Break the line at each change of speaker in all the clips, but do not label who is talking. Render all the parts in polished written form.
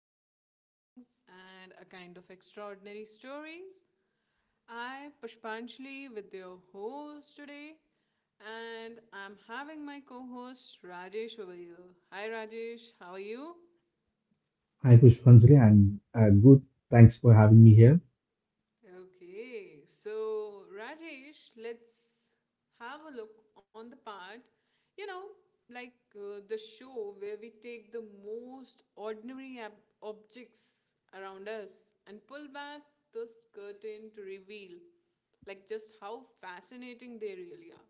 Everyday Things and a kind of extraordinary stories. I Pushpanchali with your host today and I'm having my co-host Rajesh over here. Hi Rajesh, how are you?
Hi Pushpanjali, I'm good. Thanks for having me here.
Okay, so Rajesh, let's have a look on the part, you know, like the show where we take the most ordinary objects around us and pull back this curtain to reveal, like, just how fascinating they really are.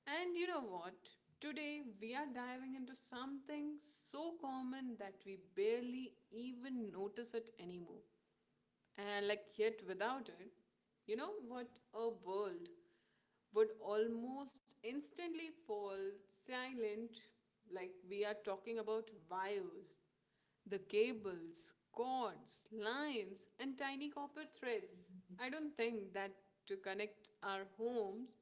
And you know what? Today we are diving into something so common that we barely even notice it anymore, and like yet without it, you know what, a world would almost instantly fall silent. Like we are talking about wires, the cables, cords, lines and tiny copper threads. I don't think that, to connect our homes,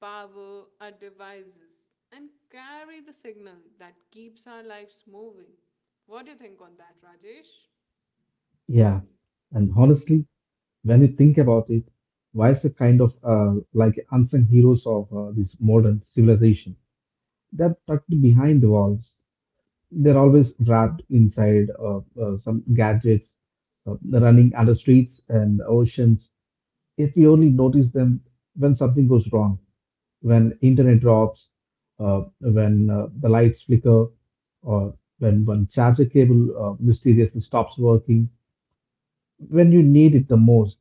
power our devices, and carry the signal that keeps our lives moving. What do you think on that, Rajesh?
Yeah, and honestly, when you think about it, why is the kind of like unsung heroes of this modern civilization that tucked behind the walls? They're always wrapped inside some gadgets, running under streets and oceans. If we only notice them when something goes wrong. When internet drops, when the lights flicker, or when one charger cable mysteriously stops working, when you need it the most.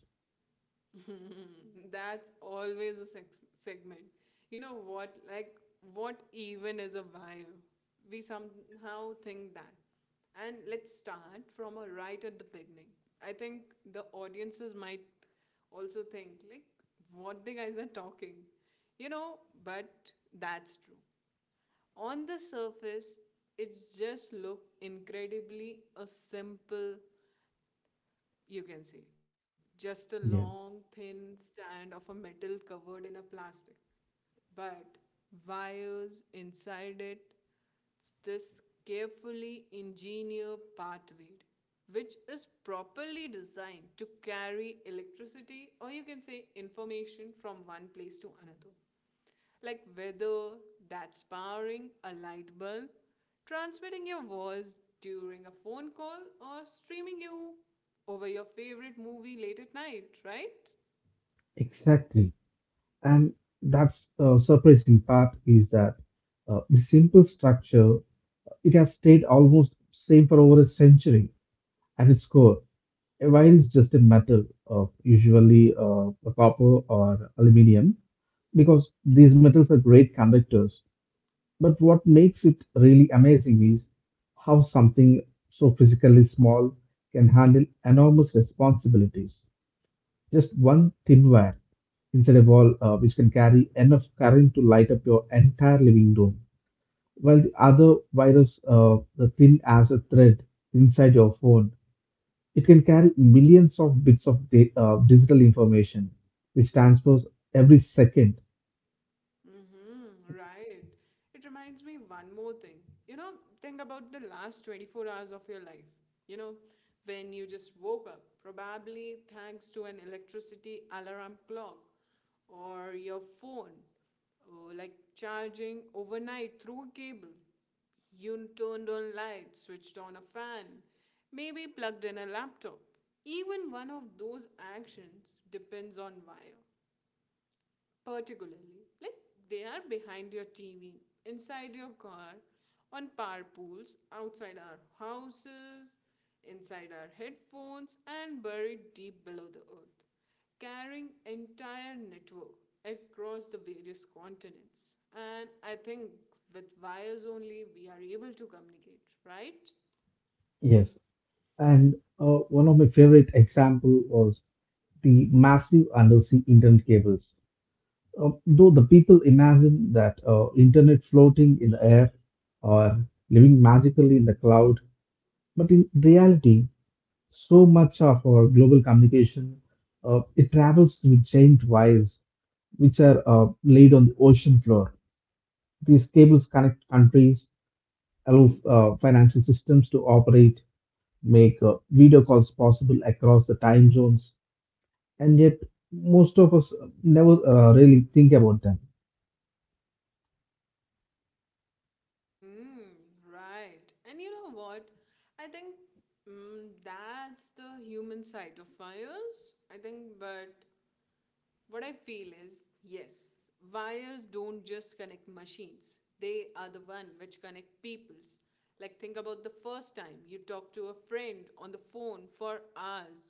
That's always a segment. You know what? Like, what even is a wire? We somehow think that. And let's start from a right at the beginning. I think the audiences might also think, like, what the guys are talking. You know, but that's true. On the surface, it's just look incredibly a simple, you can see just a long
Yeah.
thin stand of a metal covered in a plastic, but wires inside it, it's this carefully engineered pathway which is properly designed to carry electricity or you can say information from one place to another. Like whether that's powering a light bulb, transmitting your voice during a phone call, or streaming you over your favorite movie late at night, right?
Exactly. And that's the surprising part is that the simple structure, it has stayed almost same for over a century at its core. A wire is just a metal, usually copper or aluminium, because these metals are great conductors. But what makes it really amazing is how something so physically small can handle enormous responsibilities. Just one thin wire inside a wall, which can carry enough current to light up your entire living room, while the other virus, the thin as a thread inside your phone, it can carry millions of bits of digital information, which transfers every second.
Mm-hmm, right. It reminds me one more thing. You know, think about the last 24 hours of your life. You know, when you just woke up, probably thanks to an electricity alarm clock or your phone, or like charging overnight through a cable. You turned on lights, switched on a fan, maybe plugged in a laptop. Even one of those actions depends on wire, particularly like they are behind your TV, inside your car, on power pools outside our houses, inside our headphones, and buried deep below the earth, carrying entire network across the various continents. And I think with wires only we are able to communicate, right?
Yes. And one of my favorite example was the massive undersea internet cables. Though the people imagine that internet floating in the air or living magically in the cloud, but in reality, so much of our global communication it travels through giant wires which are laid on the ocean floor. These cables connect countries, allow financial systems to operate, make video calls possible across the time zones, and yet most of us never really think about them.
Mm-hmm, right. And you know what? I think that's the human side of fires. I think, but what I feel is yes, wires don't just connect machines, they are the one which connect peoples. Like, think about the first time you talked to a friend on the phone for hours,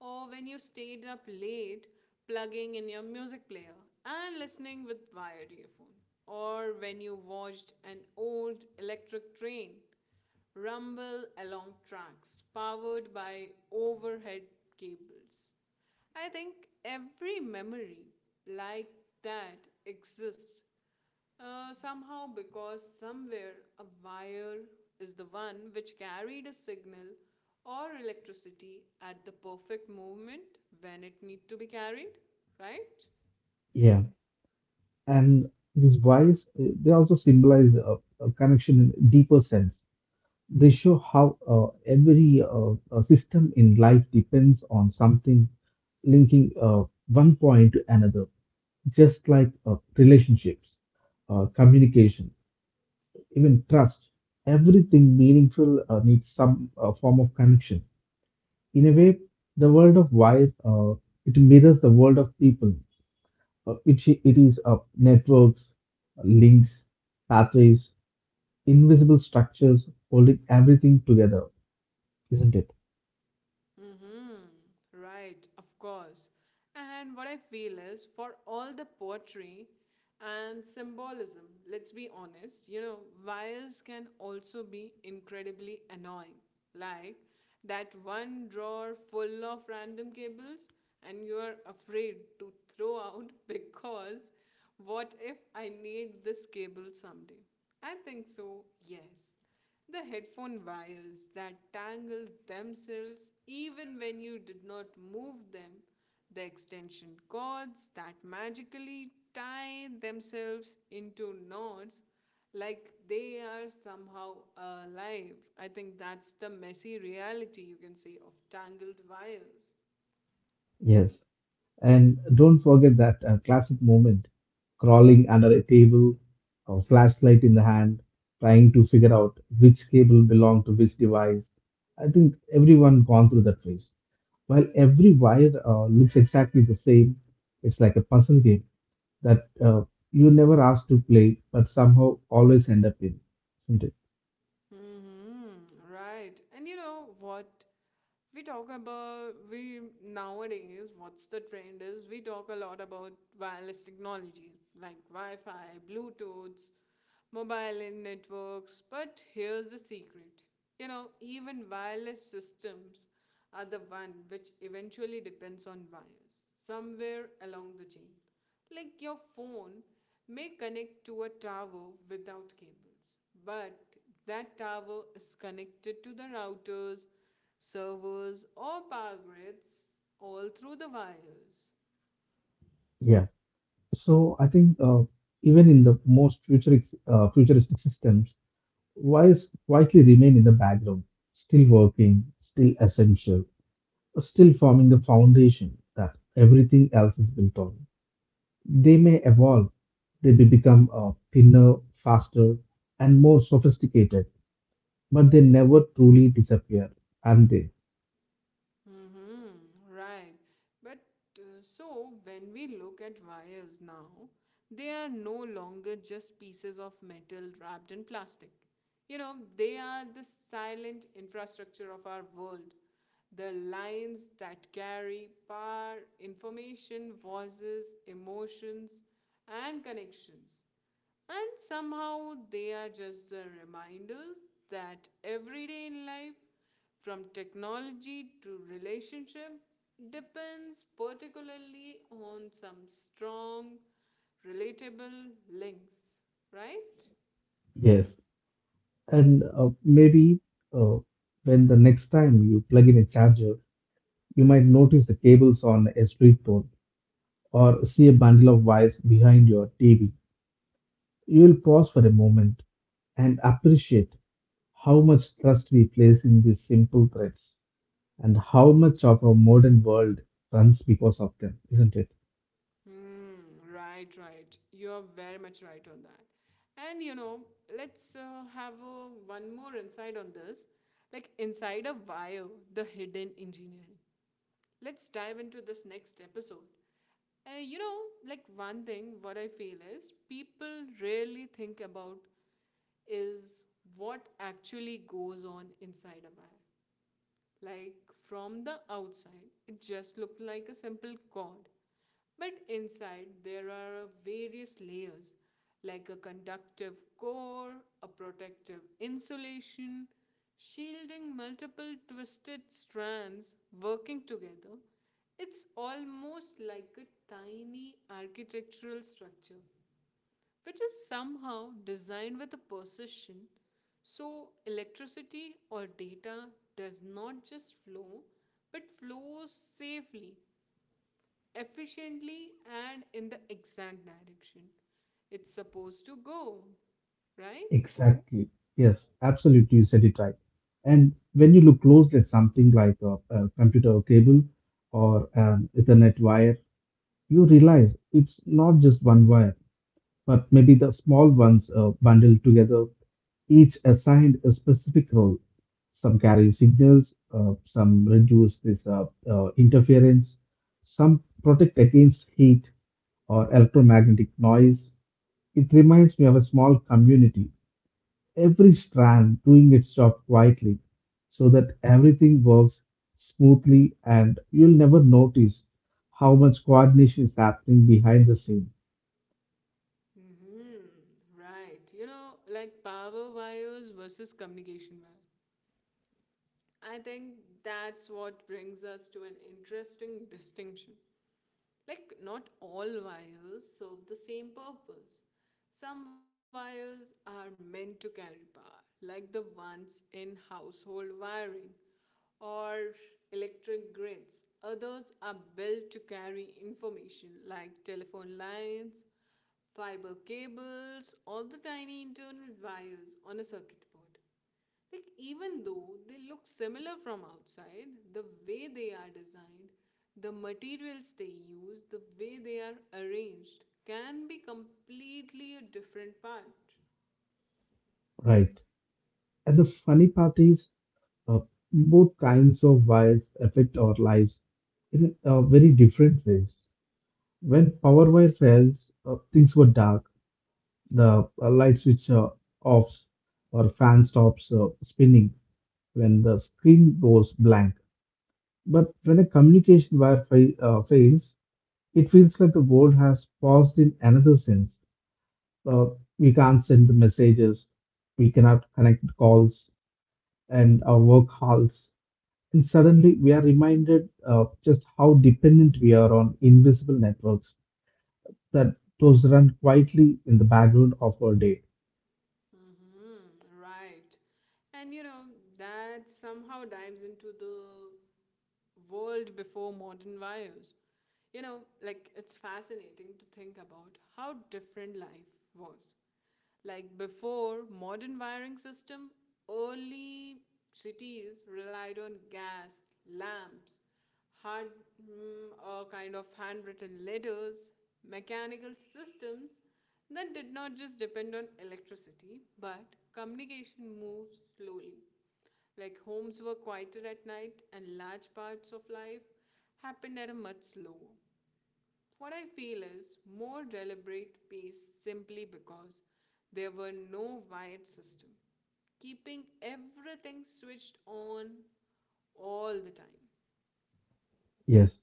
or when you stayed up late plugging in your music player and listening with wired earphone, or when you watched an old electric train rumble along tracks powered by overhead cables. I think every memory like that exists somehow because somewhere a wire is the one which carried a signal or electricity at the perfect moment when it need to be carried, right?
Yeah. And these wise, they also symbolize a connection in a deeper sense. They show how every system in life depends on something linking one point to another, just like relationships, communication, even trust. Everything meaningful needs some form of connection. In a way, the world of wires, it mirrors the world of people. It is networks, links, pathways, invisible structures holding everything together, isn't it?
Mm-hmm. Right, of course. And what I feel is for all the poetry and symbolism, let's be honest, you know, wires can also be incredibly annoying. Like that one drawer full of random cables, and you're afraid to throw out because what if I need this cable someday? I think so, yes. The headphone wires that tangle themselves even when you did not move them, the extension cords that magically tie themselves into knots like they are somehow alive. I think that's the messy reality, you can say, of tangled wires.
Yes. And don't forget that classic moment, crawling under a table, a flashlight in the hand, trying to figure out which cable belonged to which device. I think everyone gone through that phase. While every wire looks exactly the same, it's like a puzzle game that you never asked to play, but somehow always end up in, isn't it?
Mm-hmm, right. And you know what? We talk about we nowadays, what's the trend is, we talk a lot about wireless technology, like Wi-Fi, Bluetooths, mobile in networks. But here's the secret, you know, even wireless systems are the one which eventually depends on wires somewhere along the chain. Like your phone may connect to a tower without cables months. But that tower is connected to the routers, servers, or power grids all through the wires.
Yeah. So I think even in the most futuristic systems, wires quietly remain in the background, still working, still essential, still forming the foundation that everything else is built on. They may evolve, they may become thinner, faster, and more sophisticated, but they never truly disappear, and they?
Mm-hmm, right. But so when we look at wires now, they are no longer just pieces of metal wrapped in plastic. You know, they are the silent infrastructure of our world. The lines that carry power, information, voices, emotions, and connections. And somehow they are just the reminders that every day in life, from technology to relationship, depends particularly on some strong, relatable links, right?
Yes. And maybe uh, when the next time you plug in a charger, you might notice the cables on a street pole or see a bundle of wires behind your TV. You'll pause for a moment and appreciate how much trust we place in these simple threads and how much of our modern world runs because of them, isn't it?
Hmm, right, right. You're very much right on that. And you know, let's have one more insight on this. Like inside a wire, the hidden engineering. Let's dive into this next episode. You know, like one thing, what I feel is people rarely think about is what actually goes on inside a bag. Like from the outside, it just looked like a simple cord. But inside, there are various layers like a conductive core, a protective insulation, shielding multiple twisted strands working together. It's almost like a tiny architectural structure which is somehow designed with a precision so electricity or data does not just flow but flows safely, efficiently, and in the exact direction it's supposed to go, right?
Exactly. Yes, absolutely. You said it right. And when you look closely at something like a computer cable or an Ethernet wire, you realize it's not just one wire, but maybe the small ones bundled together, each assigned a specific role. Some carry signals, some reduce this interference, some protect against heat or electromagnetic noise. It reminds me of a small community, every strand doing its job quietly so that everything works smoothly and you'll never notice how much coordination is happening behind the scene.
Mm-hmm. Right. You know, like power wires versus communication wire. I think that's what brings us to an interesting distinction. Like, not all wires serve the same purpose. Some wires are meant to carry power, like the ones in household wiring or electric grids. Others are built to carry information, like telephone lines, fiber cables, or the tiny internal wires on a circuit board. Like, even though they look similar from outside, the way they are designed, the materials they use, the way they are arranged can be completely a different part.
Right. And the funny part is, uh, both kinds of wires affect our lives in very different ways. When power wire fails, things were dark. The light switch offs or fan stops spinning when the screen goes blank. But when a communication fails, it feels like the world has paused in another sense. Uh, we can't send the messages, we cannot connect the calls, and our work halts. And suddenly we are reminded just how dependent we are on invisible networks that those run quietly in the background of our day.
Mm-hmm, right. And you know, that somehow dives into the world before modern wires. You know, like it's fascinating to think about how different life was. Like before modern wiring system, early cities relied on gas, lamps, hard kind of handwritten letters, mechanical systems that did not just depend on electricity, but communication moved slowly. Like homes were quieter at night, and large parts of life happened at a much slower. What I feel is more deliberate pace simply because there were no wired system, keeping everything switched on all the time.
Yes.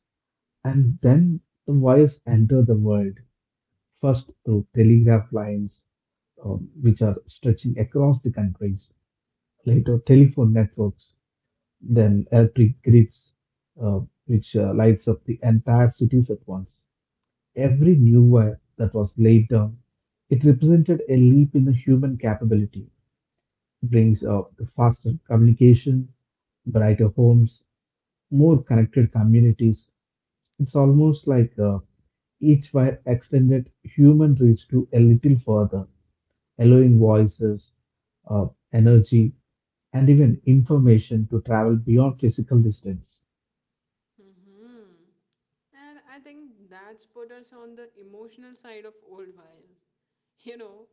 And then the wires enter the world, first through telegraph lines, which are stretching across the countries, later telephone networks, then electric grids, uh, which lights up the entire cities at once. Every new wire that was laid down, it represented a leap in the human capability. It brings faster communication, brighter homes, more connected communities. It's almost like each wire extended human reach to a little further, allowing voices, uh, energy, and even information to travel beyond physical distance.
Hmm. And I think that's put us on the emotional side of old wines. You know,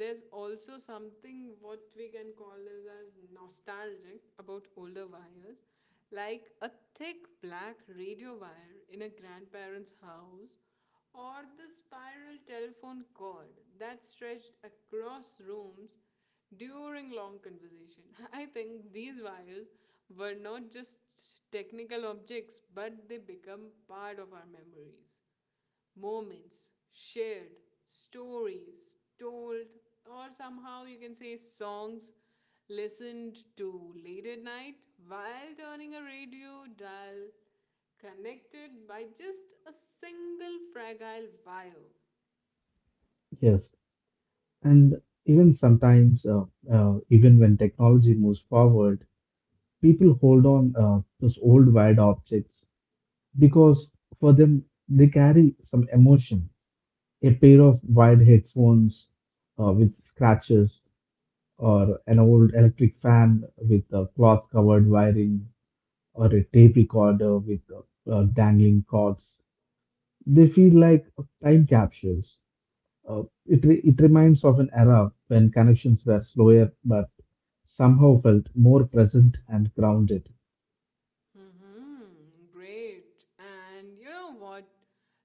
there's also something what we can call as nostalgic about older wires, like a thick black radio wire in a grandparent's house, or the spiral telephone cord that stretched across rooms during long conversation. I think these wires were not just technical objects, but they become part of our memories, moments shared, stories told, or somehow you can say songs listened to late at night while turning a radio dial, connected by just a single fragile wire.
Yes, and even sometimes, even when technology moves forward, people hold on those old wired objects because for them they carry some emotion. A pair of wired headphones with scratches, or an old electric fan with cloth covered wiring, or a tape recorder with dangling cords. They feel like time capsules. It reminds of an era when connections were slower but somehow felt more present and grounded.
Hmm, great. And you know what?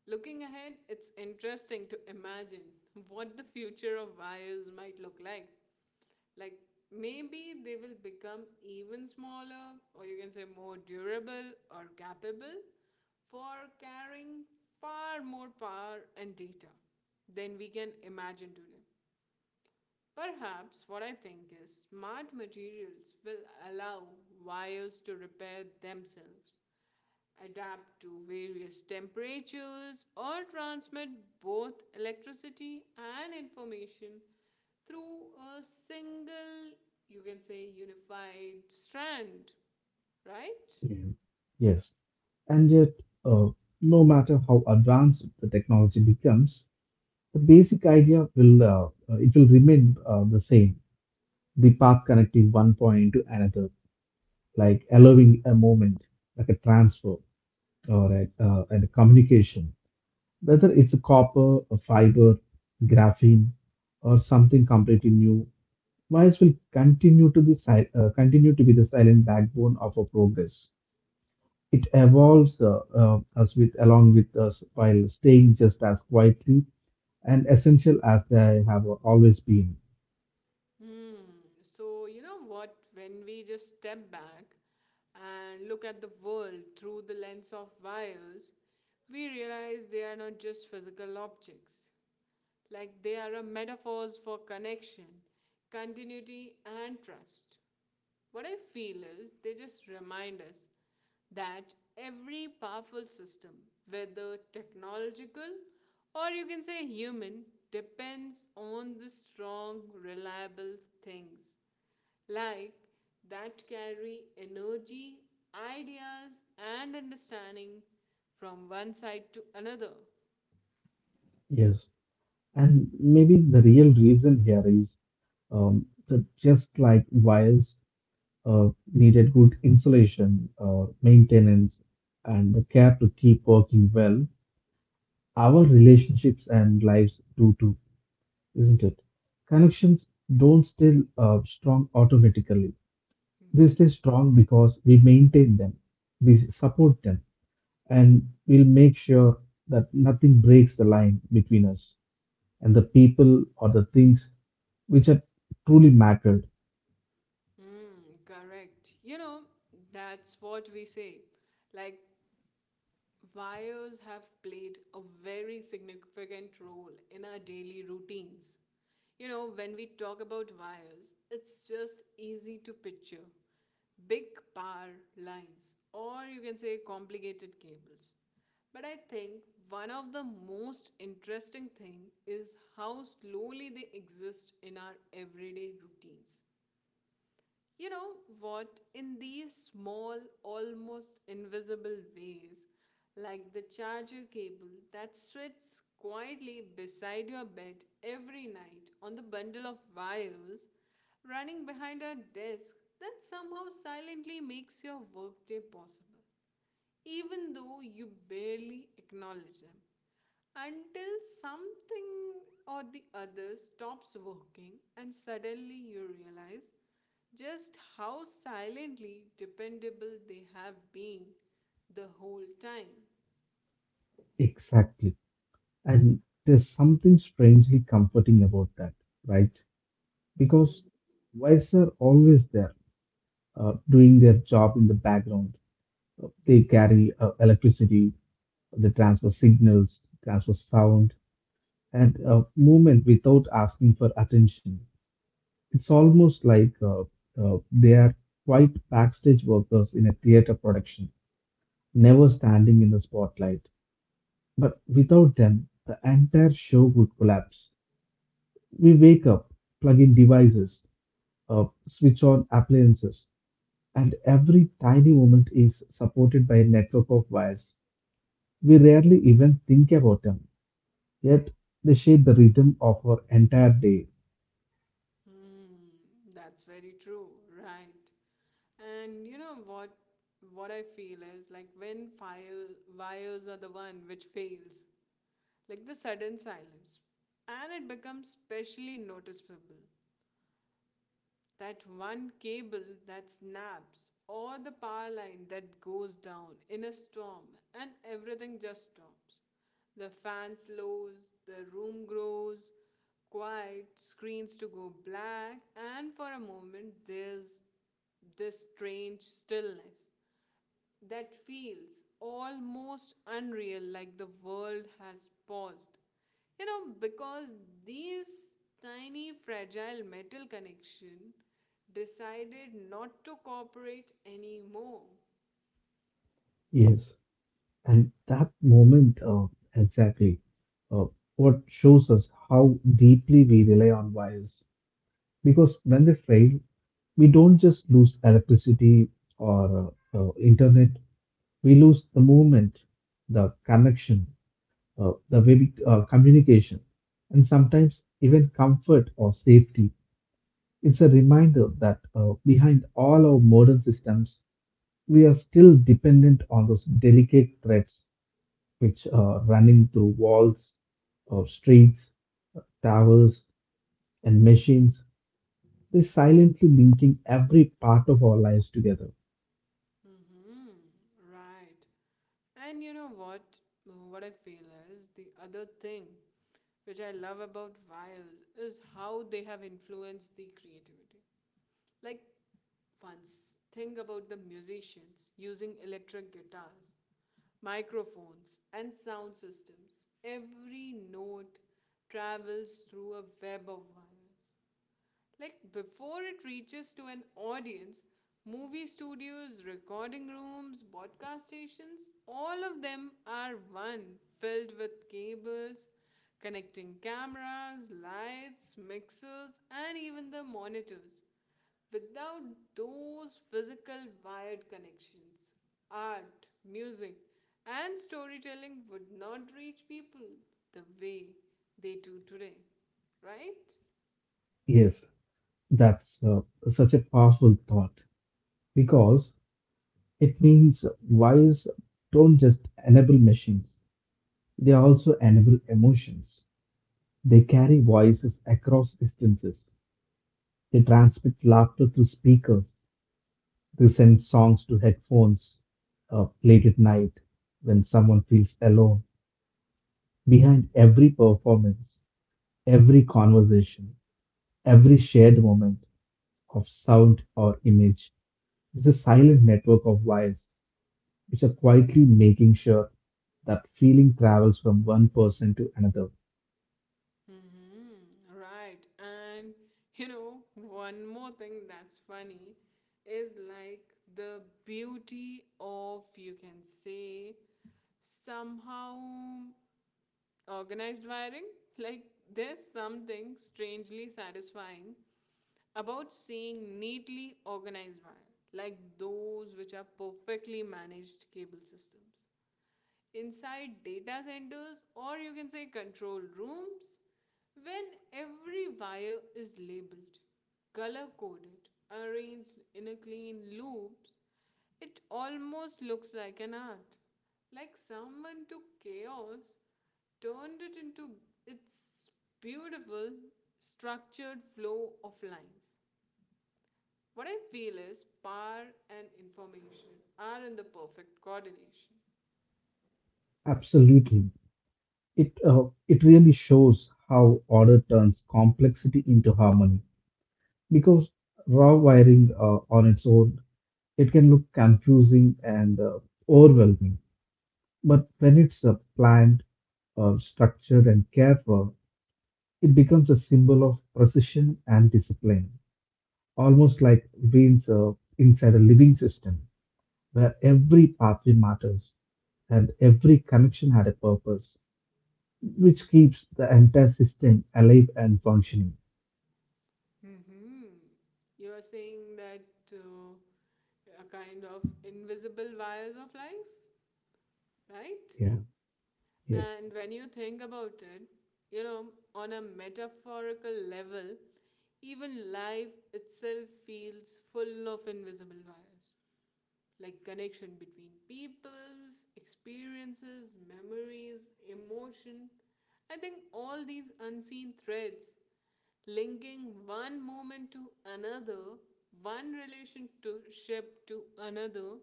Looking ahead, it's interesting to imagine what the future of wires might look like. Like maybe they will become even smaller, or you can say more durable or capable for carrying far more power and data than we can imagine today. Perhaps what I think is smart materials will allow wires to repair themselves, adapt to various temperatures, or transmit both electricity and information through a single, you can say, unified strand, right?
Yeah. Yes. And yet, uh, no matter how advanced the technology becomes, the basic idea will it will remain the same. The path connecting one point to another, like allowing a moment, like a transfer or a communication, whether it's a copper, a fiber, graphene, or something completely new. Mice will continue to be the silent backbone of our progress. It evolves us with along with us while staying just as quietly and essential as they have always been.
Hmm. So, you know what? When we just step back and look at the world through the lens of wires, we realize they are not just physical objects. Like they are a metaphors for connection, continuity, and trust. What I feel is they just remind us that every powerful system, whether technological or you can say human, depends on the strong, reliable things like that carry energy, ideas, and understanding from one side to another.
Yes, and maybe the real reason here is that just like wires uh, needed good insulation, maintenance, and the care to keep working well, our relationships and lives do too. Isn't it? Connections don't stay strong automatically. They stay
Mhm.
strong because we maintain them, we support them, and we'll make sure that nothing breaks the line between us and the people or the things which have truly mattered.
Mm, correct. You know, that's what we say. Like, wires have played a very significant role in our daily routines. You know, when we talk about wires, it's just easy to picture big power lines, or you can say complicated cables. But I think one of the most interesting thing is how slowly they exist in our everyday routines. You know what? In these small, almost invisible ways, like the charger cable that sits quietly beside your bed every night, on the bundle of wires running behind our desk that somehow silently makes your workday possible, even though you barely acknowledge them, until something or the other stops working and suddenly you realize just how silently dependable they have been the whole time.
Exactly. And there's something strangely comforting about that, right? Because wise are always there, doing their job in the background. They carry electricity. They transfer signals, transfer sound, and movement without asking for attention. It's almost like they are quite backstage workers in a theater production, never standing in the spotlight. But without them, the entire show would collapse. We wake up, plug in devices, switch on appliances, and every tiny moment is supported by a network of wires. We rarely even think about them. Yet they shape the rhythm of our entire day.
Hmm, that's very true, right? And you know what I feel is like when fire wires are the one which fails, like the sudden silence, and it becomes specially noticeable. That one cable that snaps, or the power line that goes down in a storm, and everything just stops. The fan slows, the room grows quiet, screens to go black, and for a moment there's this strange stillness that feels almost unreal, like the world has paused. You know, because these tiny, fragile metal connection decided not to cooperate anymore.
Yes, and that moment exactly uh, what shows us how deeply we rely on wires. Because when they fail, we don't just lose electricity or internet, we lose the movement, the connection, the way we, communication, and sometimes even comfort or safety. It's a reminder that behind all our modern systems, we are still dependent on those delicate threads which are running through walls or streets, towers, and machines. They're silently linking every part of our lives together.
Mm-hmm. Right. And you know what? What I feel is the other thing which I love about wires is how they have influenced the creativity. Like once, think about the musicians using electric guitars, microphones, and sound systems. Every note travels through a web of wires like before it reaches to an audience. Movie studios, recording rooms, podcast stations, all of them are one filled with cables connecting cameras, lights, mixers, and even the monitors. Without those physical wired connections, art, music, and storytelling would not reach people the way they do today, right?
Yes, that's such a powerful thought because it means wires don't just enable machines, they also enable emotions. They carry voices across distances. They transmit laughter through speakers, to send songs to headphones late at night when someone feels alone. Behind every performance, every conversation, every shared moment of sound or image is a silent network of wires which are quietly making sure that feeling travels from one person to another.
Mm-hmm. Right. And you know, one more thing that's funny is like the beauty of, you can say, somehow organized wiring. Like, there's something strangely satisfying about seeing neatly organized wire, like those which are perfectly managed cable systems inside data centers or you can say control rooms. When every wire is labeled, color coded, arranged in a clean loops, it almost looks like an art, like someone took chaos, turned it into its beautiful structured flow of lines. What I feel is power and information are in the perfect coordination.
Absolutely. It really shows how order turns complexity into harmony because raw wiring on its own it can look confusing and overwhelming, but when it's planned, structured and cared for, it becomes a symbol of precision and discipline, almost like being inside a living system where every pathway matters and every connection had a purpose which keeps the entire system alive and functioning.
Mm-hmm. You are saying that uh, a kind of invisible wires of life, right?
Yeah, yes,
And when you think about it, you know, on a metaphorical level, even life itself feels full of invisible wires, like connection between people's experiences, memories, emotion. I think all these unseen threads linking one moment to another, one relationship to another,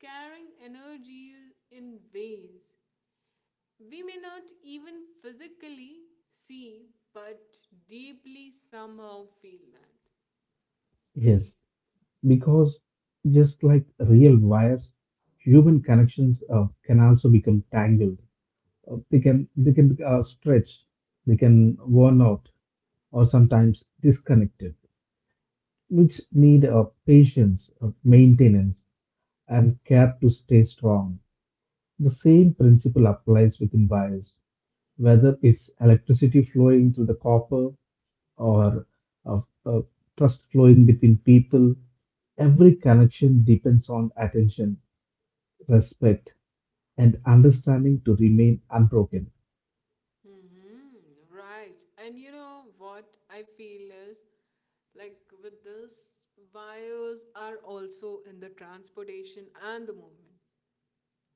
carrying energies in ways we may not even physically see but deeply somehow feel that.
yes. Because just like real wires, human connections can also become tangled. They can stretch, they can worn out, or sometimes disconnected, which need patience, maintenance, and care to stay strong. The same principle applies within wires, whether it's electricity flowing through the copper or uh, uh, trust flowing between people. Every connection depends on attention, respect, and understanding to remain unbroken.
Mm-hmm. Right. And you know what I feel is like with this, wires are also in the transportation and the movement.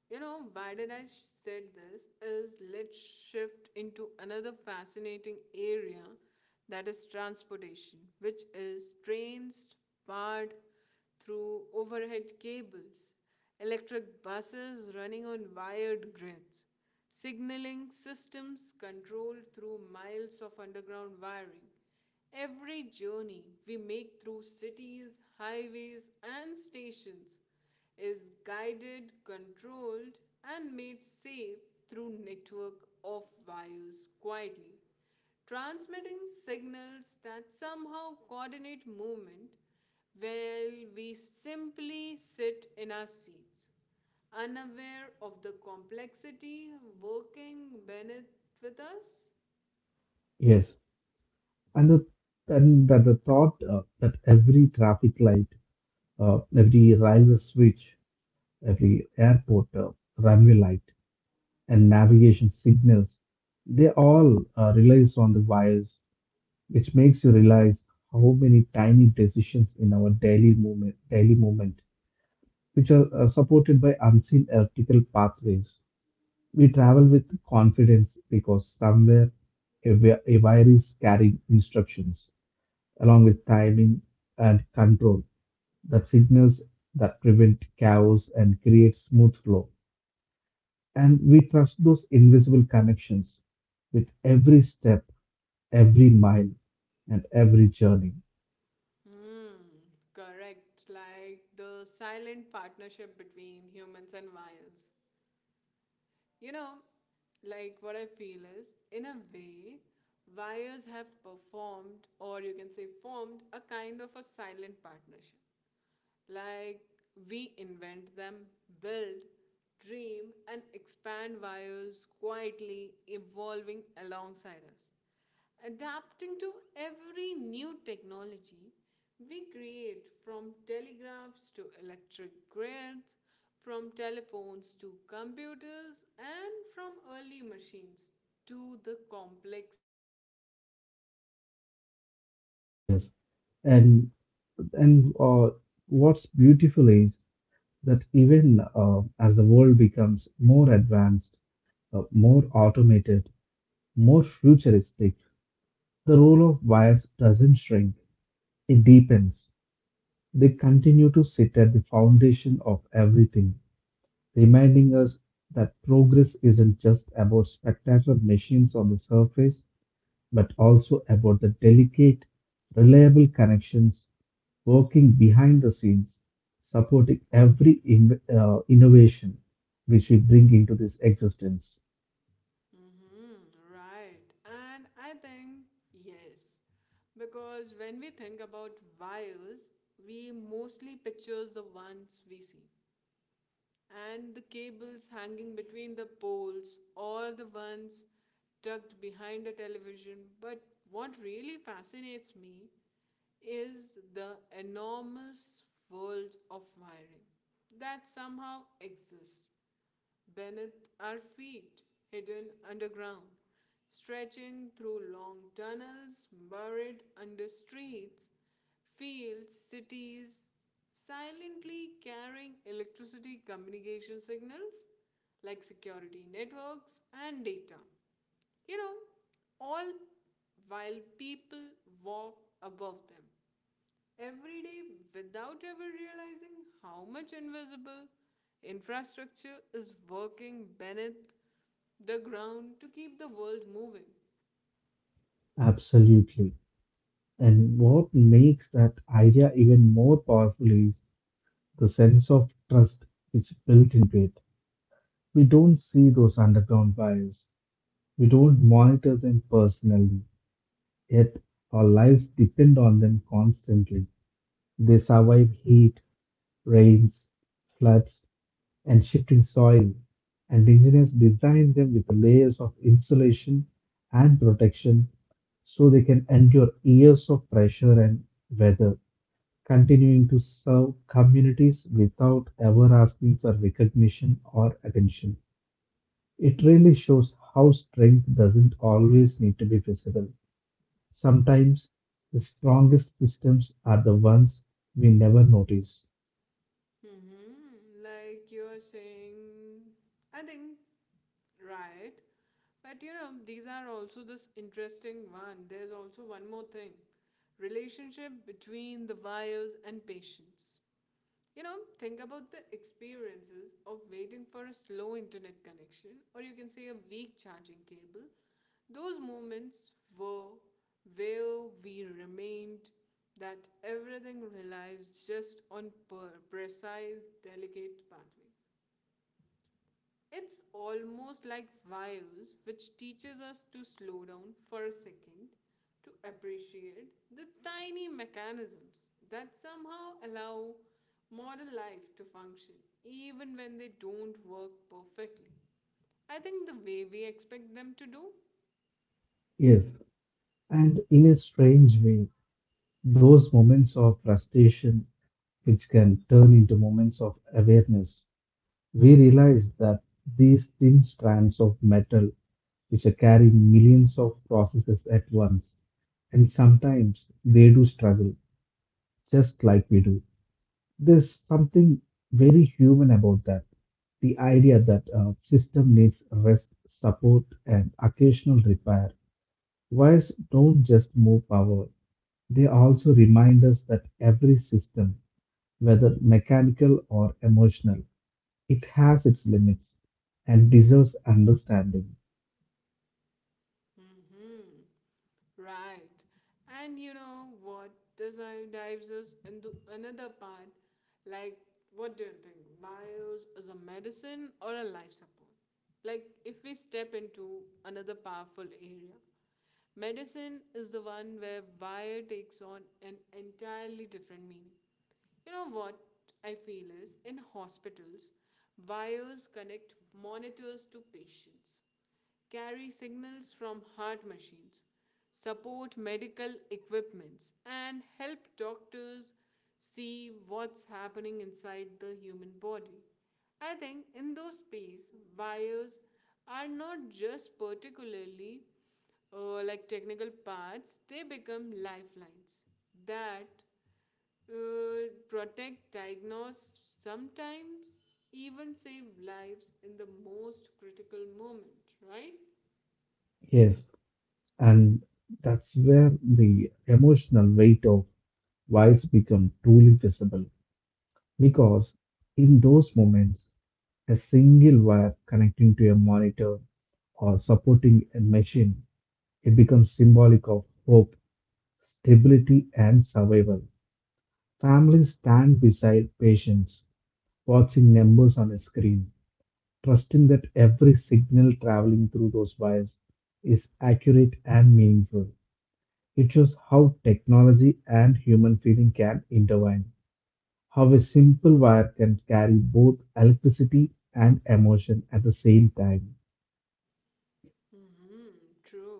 You know, why did I said this is, let's shift into another fascinating area, that is transportation, which is trains powered through overhead cables, electric buses running on wired grids, signaling systems controlled through miles of underground wiring. Every journey we make through cities, highways, and stations is guided, controlled, and made safe through network of wires quietly transmitting signals that somehow coordinate movement while we simply sit in our seats unaware of the complexity working beneath with us.
Yes, and the, and that the thought that every traffic light, every railway switch, every airport runway light, and navigation signals, they all relies on the wires, which makes you realize how many tiny decisions in our daily movement, which are supported by unseen electrical pathways. We travel with confidence because somewhere a wire is carrying instructions along with timing and control that signals that prevent chaos and create smooth flow. And we trust those invisible connections with every step, every mile, and every journey.
Hmm, correct. Like the silent partnership between humans and wires. You know, like what I feel is, in a way, wires have performed, or you can say formed, a kind of a silent partnership. Like we invent them, build, dream, and expand, wires quietly evolving alongside us. Adapting to every new technology we create, from telegraphs to electric grids, from telephones to computers, and from early machines to the complex digital networks, right?
Yes, and and what's beautiful is that even as the world becomes more advanced, more automated, more futuristic, the role of bias doesn't shrink, it deepens. They continue to sit at the foundation of everything, reminding us that progress isn't just about spectacular machines on the surface, but also about the delicate, reliable connections working behind the scenes, supporting every innovation which we bring into this existence.
Mm-hmm, right. And I think, yes, because when we think about wires, we mostly pictures the ones we see, and the cables hanging between the poles or the ones tucked behind the television. But what really fascinates me is the enormous world of wiring that somehow exists beneath our feet, hidden underground, stretching through long tunnels buried under streets, fields, cities, silently carrying electricity, communication signals like security networks and data. You know, all while people walk above them every day without ever realizing how much invisible infrastructure is working beneath the ground to keep the world moving.
Absolutely. And what makes that idea even more powerful is the sense of trust which built into it. We don't see those underground wires. We don't monitor them personally, yet our lives depend on them constantly. They survive heat, rains, floods, and shifting soil, and engineers designed them with layers of insulation and protection so they can endure years of pressure and weather, continuing to serve communities without ever asking for recognition or attention. It really shows how strength doesn't always need to be visible. Sometimes the strongest systems are the ones we never notice.
Hmm. Like you're saying, I think, right? But you know, these are also this interesting one. There's also one more thing, relationship between the wires and patients. You know, think about the experiences of waiting for a slow internet connection, or you can say a weak charging cable. Those moments were where we remained that everything relies just on precise, delicate pathways. It's almost like views, which teaches us to slow down for a second to appreciate the tiny mechanisms that somehow allow modern life to function, even when they don't work perfectly. I think the way we expect them to do.
Yes, and in a strange way, those moments of frustration which can turn into moments of awareness, we realize that these thin strands of metal, which are carrying millions of processes at once, and sometimes they do struggle just like we do. There's something very human about that. The idea that a system needs rest, support, and occasional repair. Wires don't just move power, they also remind us that every system, whether mechanical or emotional, it has its limits and deserves understanding.
Hmm. Right. And you know what? Dives us into another part. Like, what do you think? Bios is a medicine or a life support? Like, if we step into another powerful area, medicine is the one where wire takes on an entirely different meaning. You know what I feel is in hospitals, wires connect monitors to patients, carry signals from heart machines, support medical equipments, and help doctors see what's happening inside the human body. I think in those space, wires are not just particularly like technical parts, they become lifelines that protect, diagnose, sometimes even save lives in the most critical moment, right?
Yes. And that's where the emotional weight of wise become truly visible because in those moments, a single wire connecting to a monitor or supporting a machine, it becomes symbolic of hope, stability, and survival. Families stand beside patients, watching numbers on a screen, trusting that every signal traveling through those wires is accurate and meaningful. It shows how technology and human feeling can intertwine, how a simple wire can carry both electricity and emotion at the same time.
Hmm, true.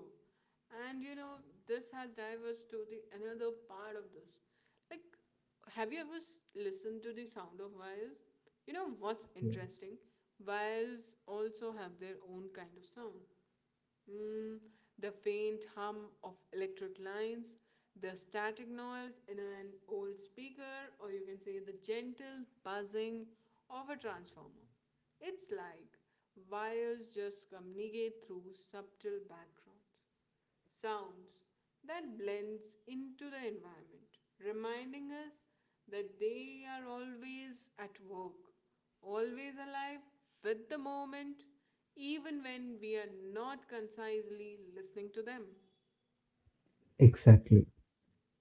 And you know, this has diverged to the another part of this. Like, have you ever listened to the sound of wires? You know what's interesting? Wires also have their own kind of sound. Mm, the faint hum of electric lines, the static noise in an old speaker, or you can say the gentle buzzing of a transformer. It's like wires just communicate through subtle backgrounds sounds that blends into the environment, reminding us that they are always at work, always alive with the moment, even when we are not concisely listening to them.
Exactly.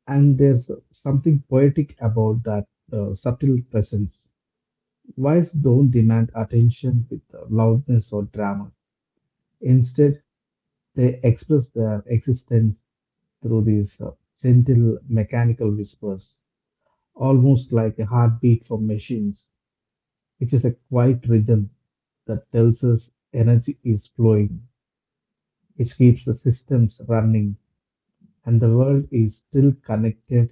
And there's something poetic about that subtle presence. Wires don't demand attention with loudness or drama. Instead, they express their existence through these gentle mechanical whispers, almost like a heartbeat from machines. It is a quiet rhythm that tells us energy is flowing, which keeps the systems running, and the world is still connected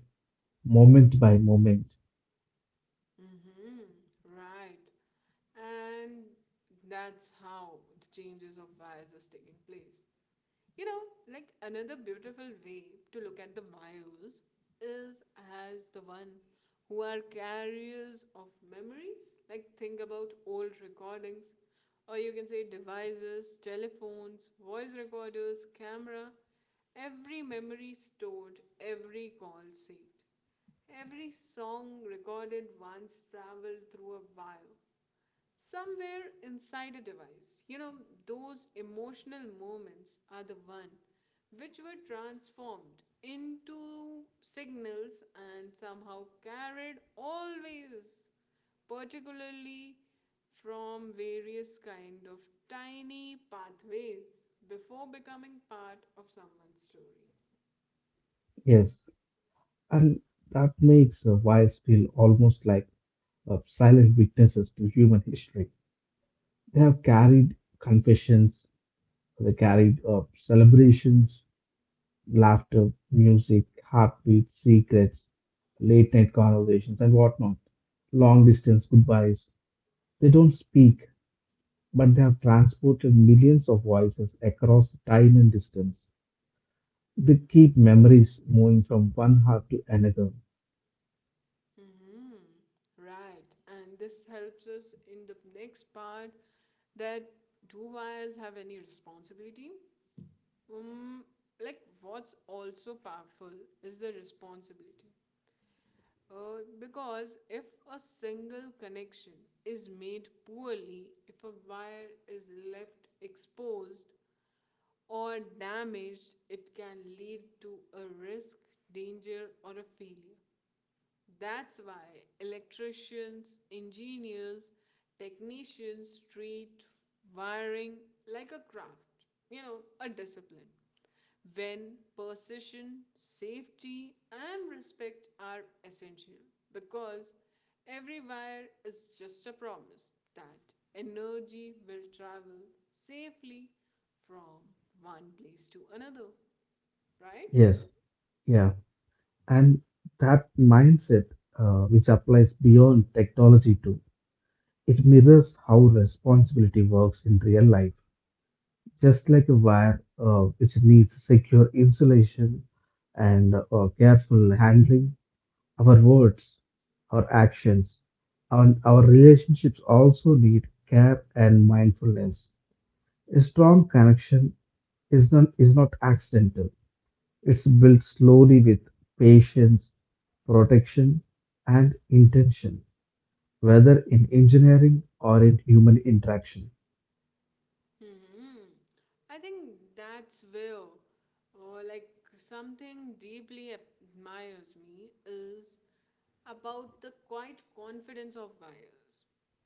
moment by moment.
Mm-hmm. Right. And that's how the changes of wires is taking place. You know, like another beautiful way to look at the myos is as the one who are carriers of memories. Like think about old recordings, or you can say devices, telephones, voice recorders, camera, every memory stored, every call saved. Every song recorded once traveled through a wire, somewhere inside a device. You know, those emotional moments are the one which were transformed into signals and somehow carried always, particularly from various kind of tiny pathways before becoming part of someone's story.
Yes, and that makes wise feel almost like silent witnesses to human history. They have carried confessions, they carried celebrations, laughter, music, heartbeat, secrets, late night conversations, and whatnot. Long distance goodbyes. They don't speak, but they have transported millions of voices across time and distance. They keep memories moving from one heart to another.
Mm-hmm. Right. And this helps us in the next part, that do wires have any responsibility? Um, like, what's also powerful is the responsibility. Because if a single connection is made poorly, if a wire is left exposed or damaged, it can lead to a risk, danger, or a failure. That's why electricians, engineers, technicians treat wiring like a craft, you know, a discipline. When precision, safety, and respect are essential, because every wire is just a promise that energy will travel safely from one place to another, right?
Yes, yeah. And that mindset, which applies beyond technology too, it mirrors how responsibility works in real life. Just like a wire, which needs secure insulation and careful handling, our words, our actions, and our relationships also need care and mindfulness. A strong connection is not accidental, it's built slowly with patience, protection, and intention, whether in engineering or in human interaction.
Hmm. I think that's where, or like something deeply admires me is about the quiet confidence of wires.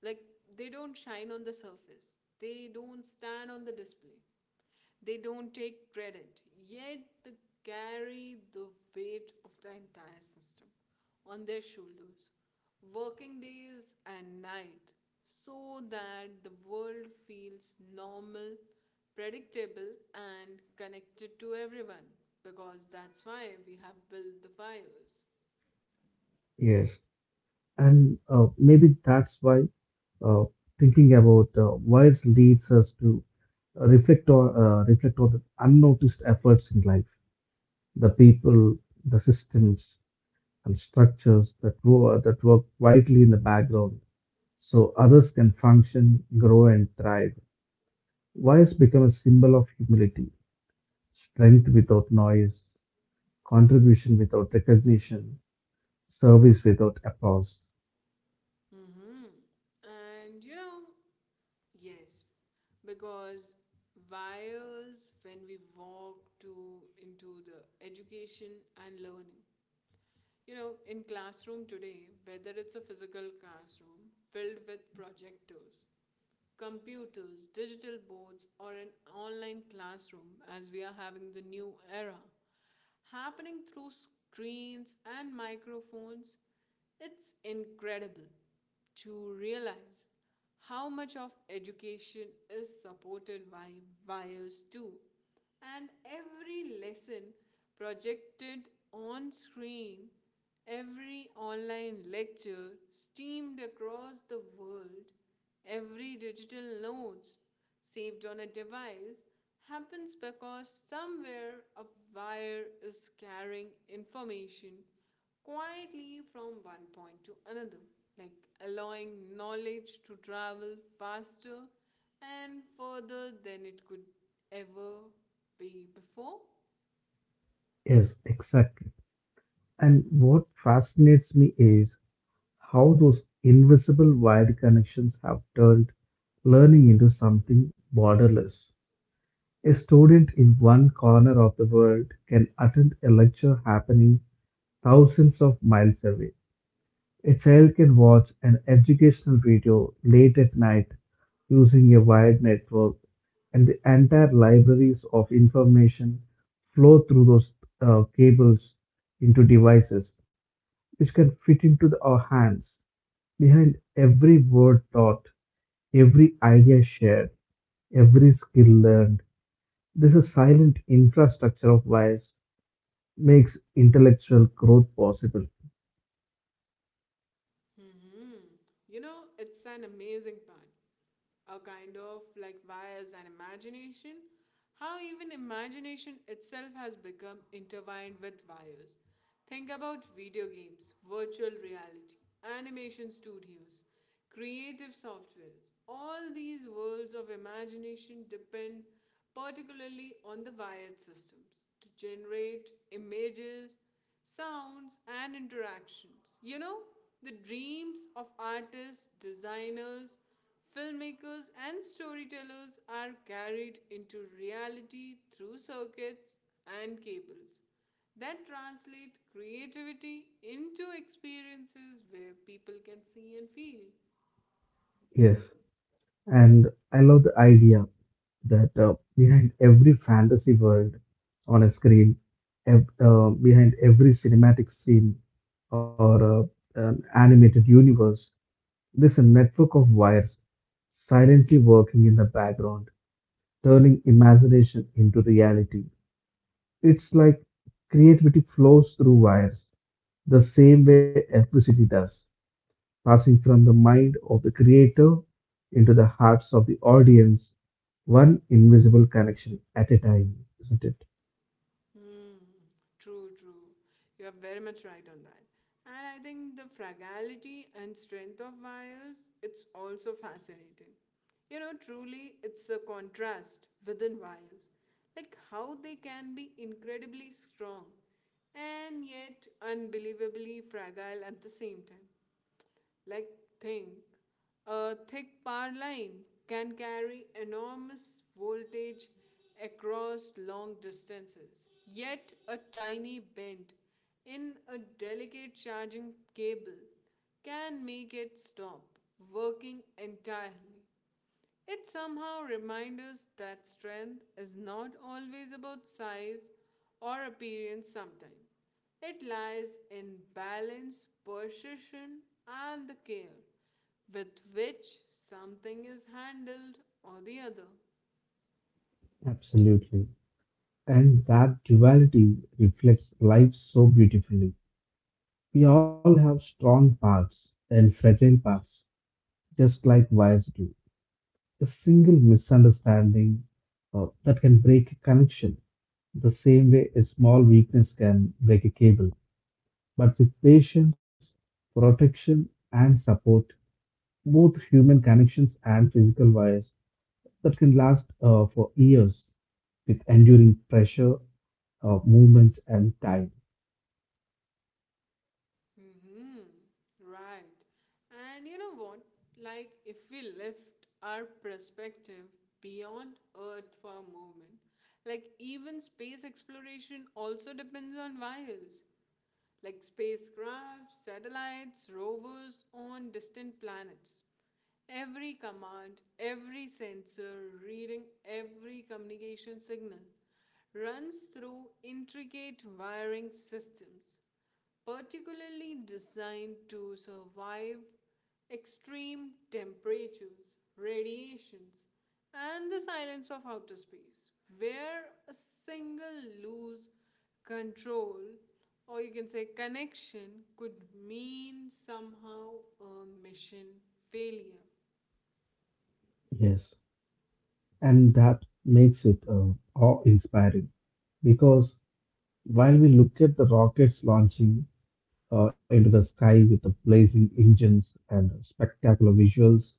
Like they don't shine on the surface. They don't stand on the display. They don't take credit, yet they carry the weight of the entire system on their shoulders, working days and night, so that the world feels normal, predictable, and connected to everyone. Because that's why we have built the fires.
Yes, and maybe that's why uh, thinking about wise leads us to reflect on the unnoticed efforts in life, the people, the systems and structures that grow that work quietly in the background, so others can function, grow, and thrive. Wise become a symbol of humility, strength without noise, contribution without recognition, service without applause.
Mm-hmm. And you know, yes, because wires when we walk to into the education and learning. You know, in classroom today, whether it's a physical classroom filled with projectors, computers, digital boards, or an online classroom, as we are having the new era, happening through screens and microphones, it's incredible to realize how much of education is supported by wires too. And every lesson projected on screen, every online lecture streamed across the world, every digital notes saved on a device happens because somewhere a wire is carrying information quietly from one point to another, like allowing knowledge to travel faster and further than it could ever be before.
Yes, exactly. And what fascinates me is how those invisible wired connections have turned learning into something borderless. A student in one corner of the world can attend a lecture happening thousands of miles away. A child can watch an educational video late at night using a wired network, and the entire libraries of information flow through those cables into devices which can fit into the, our hands. Behind every word taught, every idea shared, every skill learned, this a silent infrastructure of bias makes intellectual growth possible.
Hmm. You know, it's an amazing part. A kind of like wires and imagination. How even imagination itself has become intertwined with wires. Think about video games, virtual reality, animation studios, creative softwares. All these worlds of imagination depend particularly on the wired systems to generate images, sounds, and interactions. You know, the dreams of artists, designers, filmmakers, and storytellers are carried into reality through circuits and cables that translate creativity into experiences where people can see and feel.
Yes, and I love the idea that behind every fantasy world on a screen, behind every cinematic scene or an animated universe, there's a network of wires silently working in the background turning imagination into reality. It's like creativity flows through wires, the same way electricity does, passing from the mind of the creator into the hearts of the audience, one invisible connection at a time, isn't it?
Hmm, true, true. You are very much right on that. And I think the fragility and strength of wires, it's also fascinating. You know, truly, it's a contrast within wires, like how they can be incredibly strong and yet unbelievably fragile at the same time. Like think, a thick power line can carry enormous voltage across long distances, yet a tiny bend in a delicate charging cable can make it stop working entirely. It somehow reminds us that strength is not always about size or appearance sometimes. It lies in balance, precision, and the care with which something is handled or the other.
Absolutely. And that duality reflects life so beautifully. We all have strong parts and fragile parts, just like wires do. A single misunderstanding that can break a connection, the same way a small weakness can break a cable. But with patience, protection, and support, both human connections and physical wires that can last for years with enduring pressure, movement, and time.
Hmm. Right. And you know what? Like, if we lift our perspective beyond Earth for a moment, like, even space exploration also depends on wires. Like spacecraft, satellites, rovers on distant planets. Every command, every sensor, reading every communication signal runs through intricate wiring systems particularly designed to survive extreme temperatures, radiations, and the silence of outer space, where a single loose control or you can say connection could mean somehow a mission failure.
Yes, and that makes it awe inspiring because while we look at the rockets launching, into the sky with the blazing engines and spectacular visuals,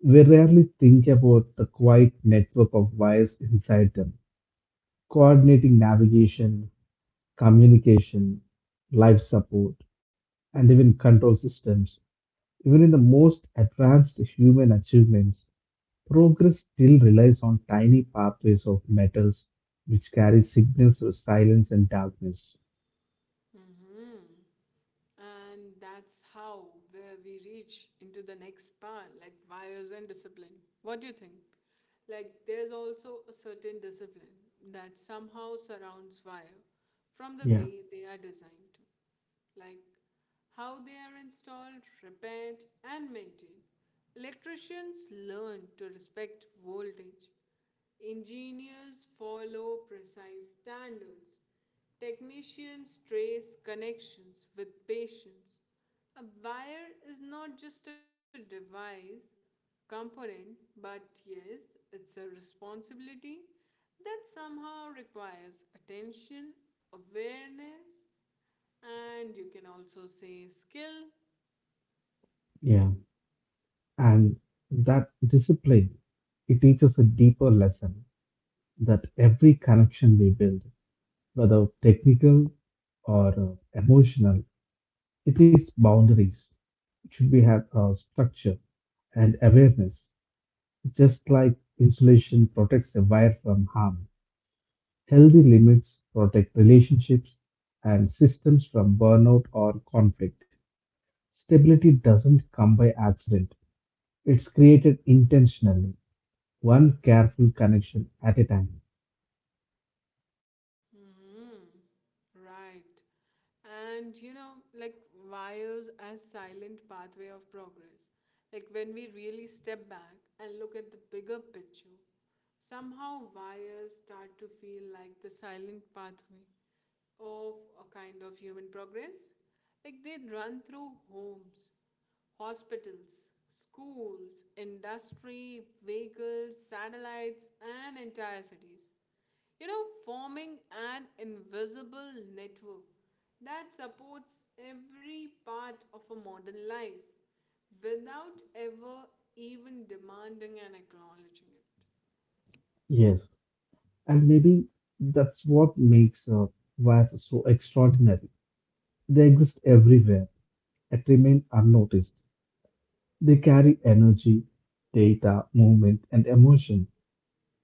we rarely think about the quiet network of wires inside them, coordinating navigation, communication, life support, and even control systems. Even in the most advanced human achievements, progress still relies on tiny pathways of metals which carry signals through silence and darkness.
Mhm. And that's how where we reach into the next part, like values and discipline. What do you think? Like there's also a certain discipline that somehow surrounds wire from the way
Yeah,
they are designed to. Like how they are installed, repaired, and maintained. Electricians learn to respect voltage, engineers follow precise standards. Technicians trace connections with patients. A wire is not just a device, component, but yes, it's a responsibility that somehow requires attention, awareness, and you can also say skill.
yeah. And that discipline, it teaches a deeper lesson that every connection we build, whether technical or emotional, it needs boundaries. It should be have a structure and awareness. Just like insulation protects a wire from harm, healthy limits protect relationships and systems from burnout or conflict. Stability doesn't come by accident. It's created intentionally one careful connection at a time.
Hmm. Right. And like wires as silent pathway of progress. Like when we really step back and look at the bigger picture, somehow wires start to feel like the silent pathway of a kind of human progress. Like they run through homes, hospitals, schools, industry, vehicles, satellites, and entire cities. Forming an invisible network that supports every part of a modern life without ever even demanding and acknowledging it.
Yes. And maybe that's what makes VAS so extraordinary. They exist everywhere, yet remain unnoticed. They carry energy, data, movement, and emotion.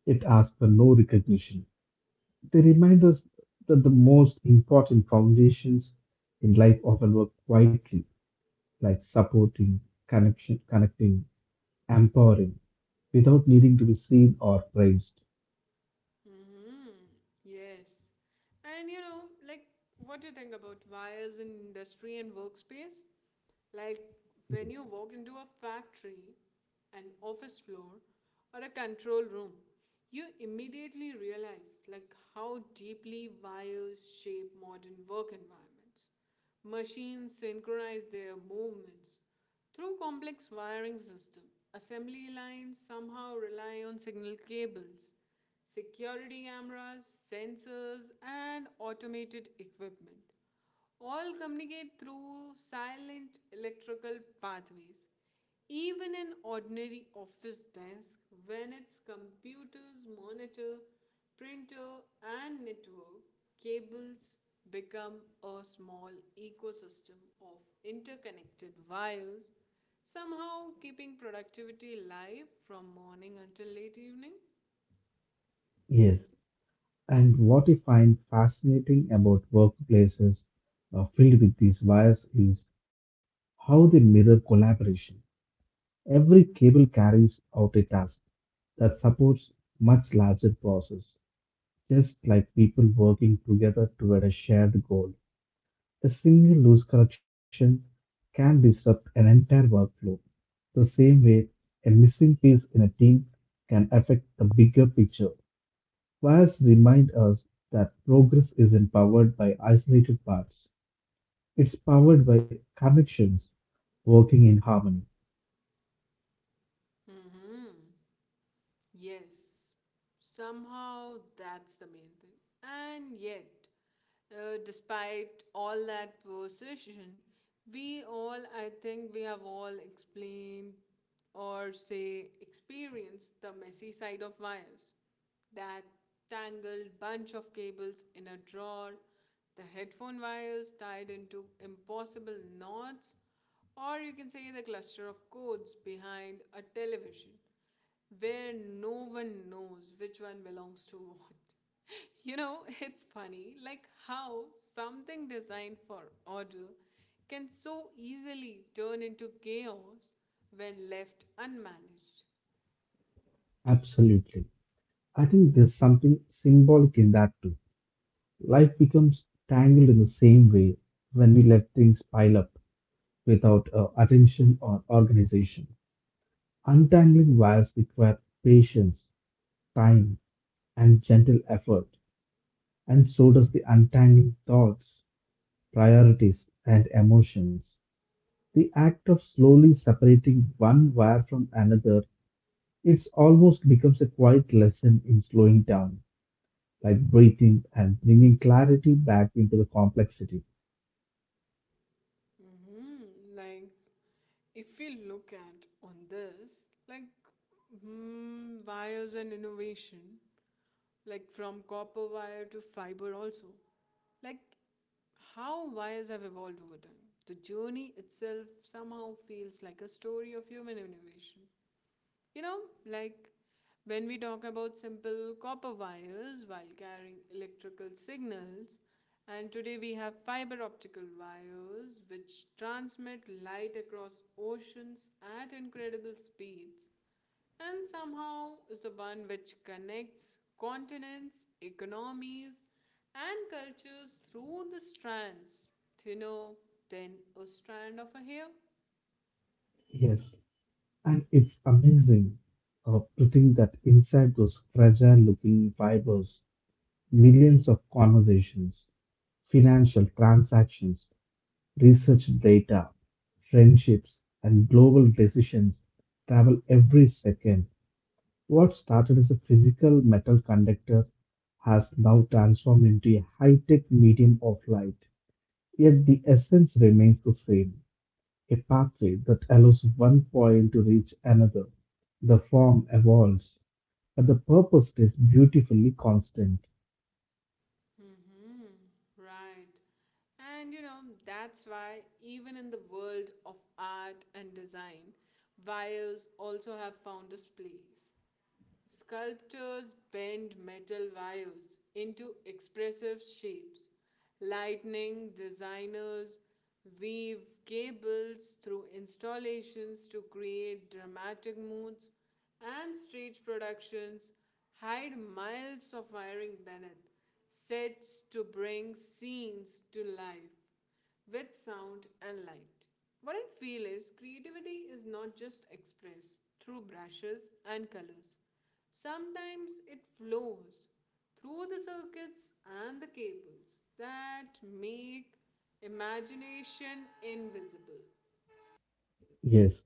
It asks for no recognition. They remind us that the most important foundations in life often work quietly, like supporting, connection, connecting, empowering, without needing to be seen or praised.
Hmm. Yes. And what do you think about wires in industry and workspace? Like, when you walk into a factory, an office floor, or a control room, you immediately realize, how deeply wires shape modern work environments robots. Machines synchronize their movements through complex wiring system. Assembly lines somehow rely on signal cables, security cameras, sensors, and automated equipment all communicate through silent electrical pathways. Even an ordinary office desk, when its computers, monitor, printer, and network cables become a small ecosystem of interconnected wires, somehow keeping productivity alive from morning until late evening.
Yes. And what I find fascinating about workplaces filled with these wires is how they mirror collaboration. Every cable carries out a task that supports much larger process, just like people working together toward a shared goal. A single loose connection can disrupt an entire workflow, the same way a missing piece in a team can affect the bigger picture. Fires remind us that progress isn't powered by isolated parts, it's powered by connections working in harmony.
Mhm. Yes, somehow that's the main thing. And yet, despite all that precision, we all, I think, we have all explained or say experienced the messy side of wires. That tangled bunch of cables in a drawer, the headphone wires tied into impossible knots, or you can say the cluster of cords behind a television where no one knows which one belongs to what. It's funny like how something designed for order can so easily turn into chaos when left unmanaged.
Absolutely. I think there's something symbolic in that too. Life becomes tangled in the same way when we let things pile up without attention or organization. Untangling wires require patience, time, and gentle effort, and so does the untangling thoughts, priorities, and emotions. The act of slowly separating one wire from another, it almost becomes a quiet lesson in slowing down, like breathing and bringing clarity back into the complexity.
Mm-hmm. If we look at on this, like, wires and innovation, like from copper wire to fiber, also, like, how wires have evolved over time. The journey itself somehow feels like a story of human innovation. You know, like when we talk about simple copper wires while carrying electrical signals, and today we have fiber optical wires which transmit light across oceans at incredible speeds, and somehow is the one which connects continents, economies, and cultures through the strands thinner than a strand of a hair.
Yes, and it's amazing to think that inside those fragile looking fibers, millions of conversations, financial transactions, research data, friendships, and global decisions travel every second. What started as a physical metal conductor has now transformed into a high tech medium of light. Yet the essence remains the same, a pathway that allows one point to reach another. The form evolves, but the purpose is beautifully constant.
Mm-hmm. Right. And you know, that's why even in the world of art and design, wires also have found its place. Sculptors bend metal wires into expressive shapes. Lighting designers weave cables through installations to create dramatic moods, and stage productions hide miles of wiring beneath sets to bring scenes to life with sound and light. What I feel is creativity is not just expressed through brushes and colors. Sometimes it flows through the circuits and the cables that make imagination invisible.
Yes,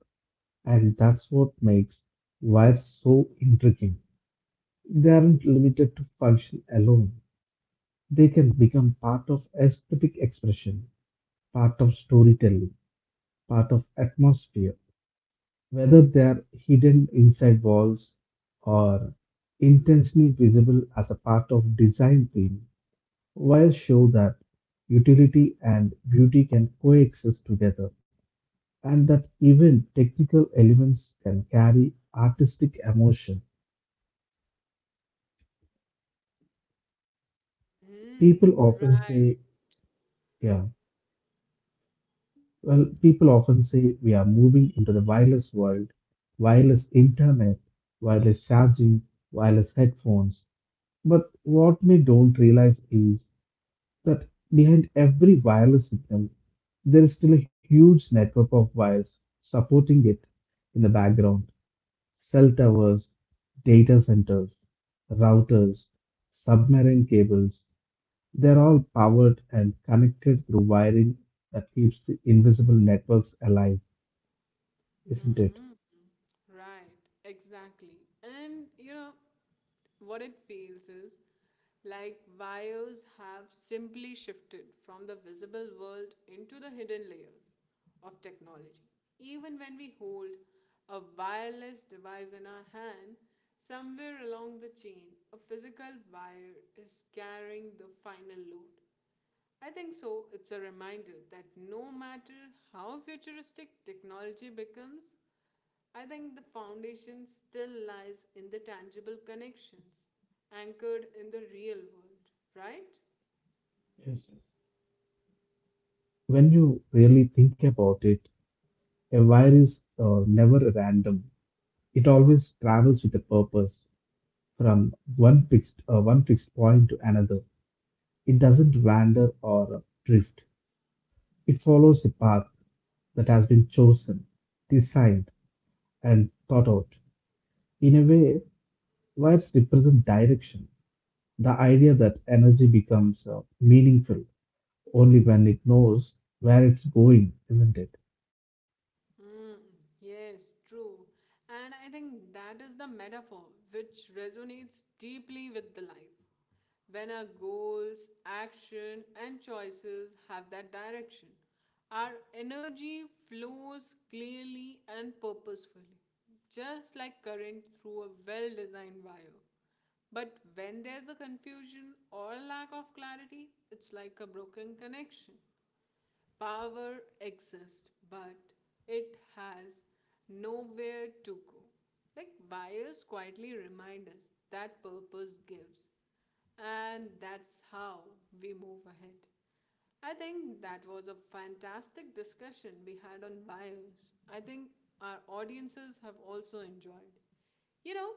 and that's what makes wires so intriguing. They aren't limited to function alone, they can become part of aesthetic expression, part of storytelling, part of atmosphere, whether they are hidden inside walls or intentionally visible as a part of design theme, while show that utility and beauty can coexist together and that even technical elements can carry artistic emotion.
Hmm.
People often
Right.
say, yeah, well, people often say we are moving into the wireless world, wireless internet, wireless charging, wireless headphones. But what we don't realize is that behind every wireless signal, there is still a huge network of wires supporting it in the background: cell towers, data centers, routers, submarine cables. They're all powered and connected through wiring that keeps the invisible networks alive, isn't it?
Hmm. Right, exactly. And what it feels is like wires have simply shifted from the visible world into the hidden layers of technology. Even when we hold a wireless device in our hand, somewhere along the chain, a physical wire is carrying the final load. I think so. It's a reminder that no matter how futuristic technology becomes, I think the foundation still lies in the tangible connections anchored in the real world, right?
Yes. When you really think about it, a wire is never random. It always travels with a purpose, from one fixed point to another. It doesn't wander or drift. It follows a path that has been chosen, designed, and thought out. In a way, lights represent direction, the idea that energy becomes meaningful only when it knows where it's going, isn't it?
Mm, yes, true. And I think that is the metaphor which resonates deeply with the life. When our goals, action, and choices have that direction, our energy flows clearly and purposefully, just like current through a well designed wire. But when there's a confusion or lack of clarity, it's like a broken connection. Power exists, but it has nowhere to go. Like wires quietly remind us that purpose gives, and that's how we move ahead. I think that was a fantastic discussion we had on wires. I think our audiences have also enjoyed you know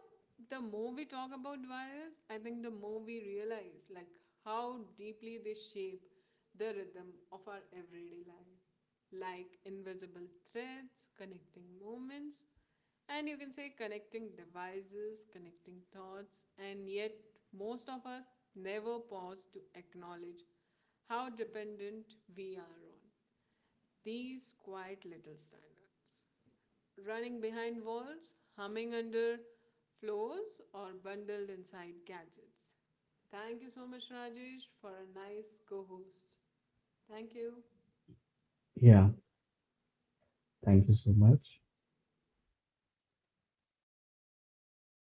the more we talk about wires, I think the more we realize, like, how deeply they shape the rhythm of our everyday life, like invisible threads connecting moments, and you can say connecting devices, connecting thoughts, and yet most of us never pause to acknowledge how dependent we are on these quiet little standards running behind walls, humming under floors, or bundled inside gadgets. Thank you so much, Rajesh, for a nice co host. Thank you.
Yeah, thank you so much.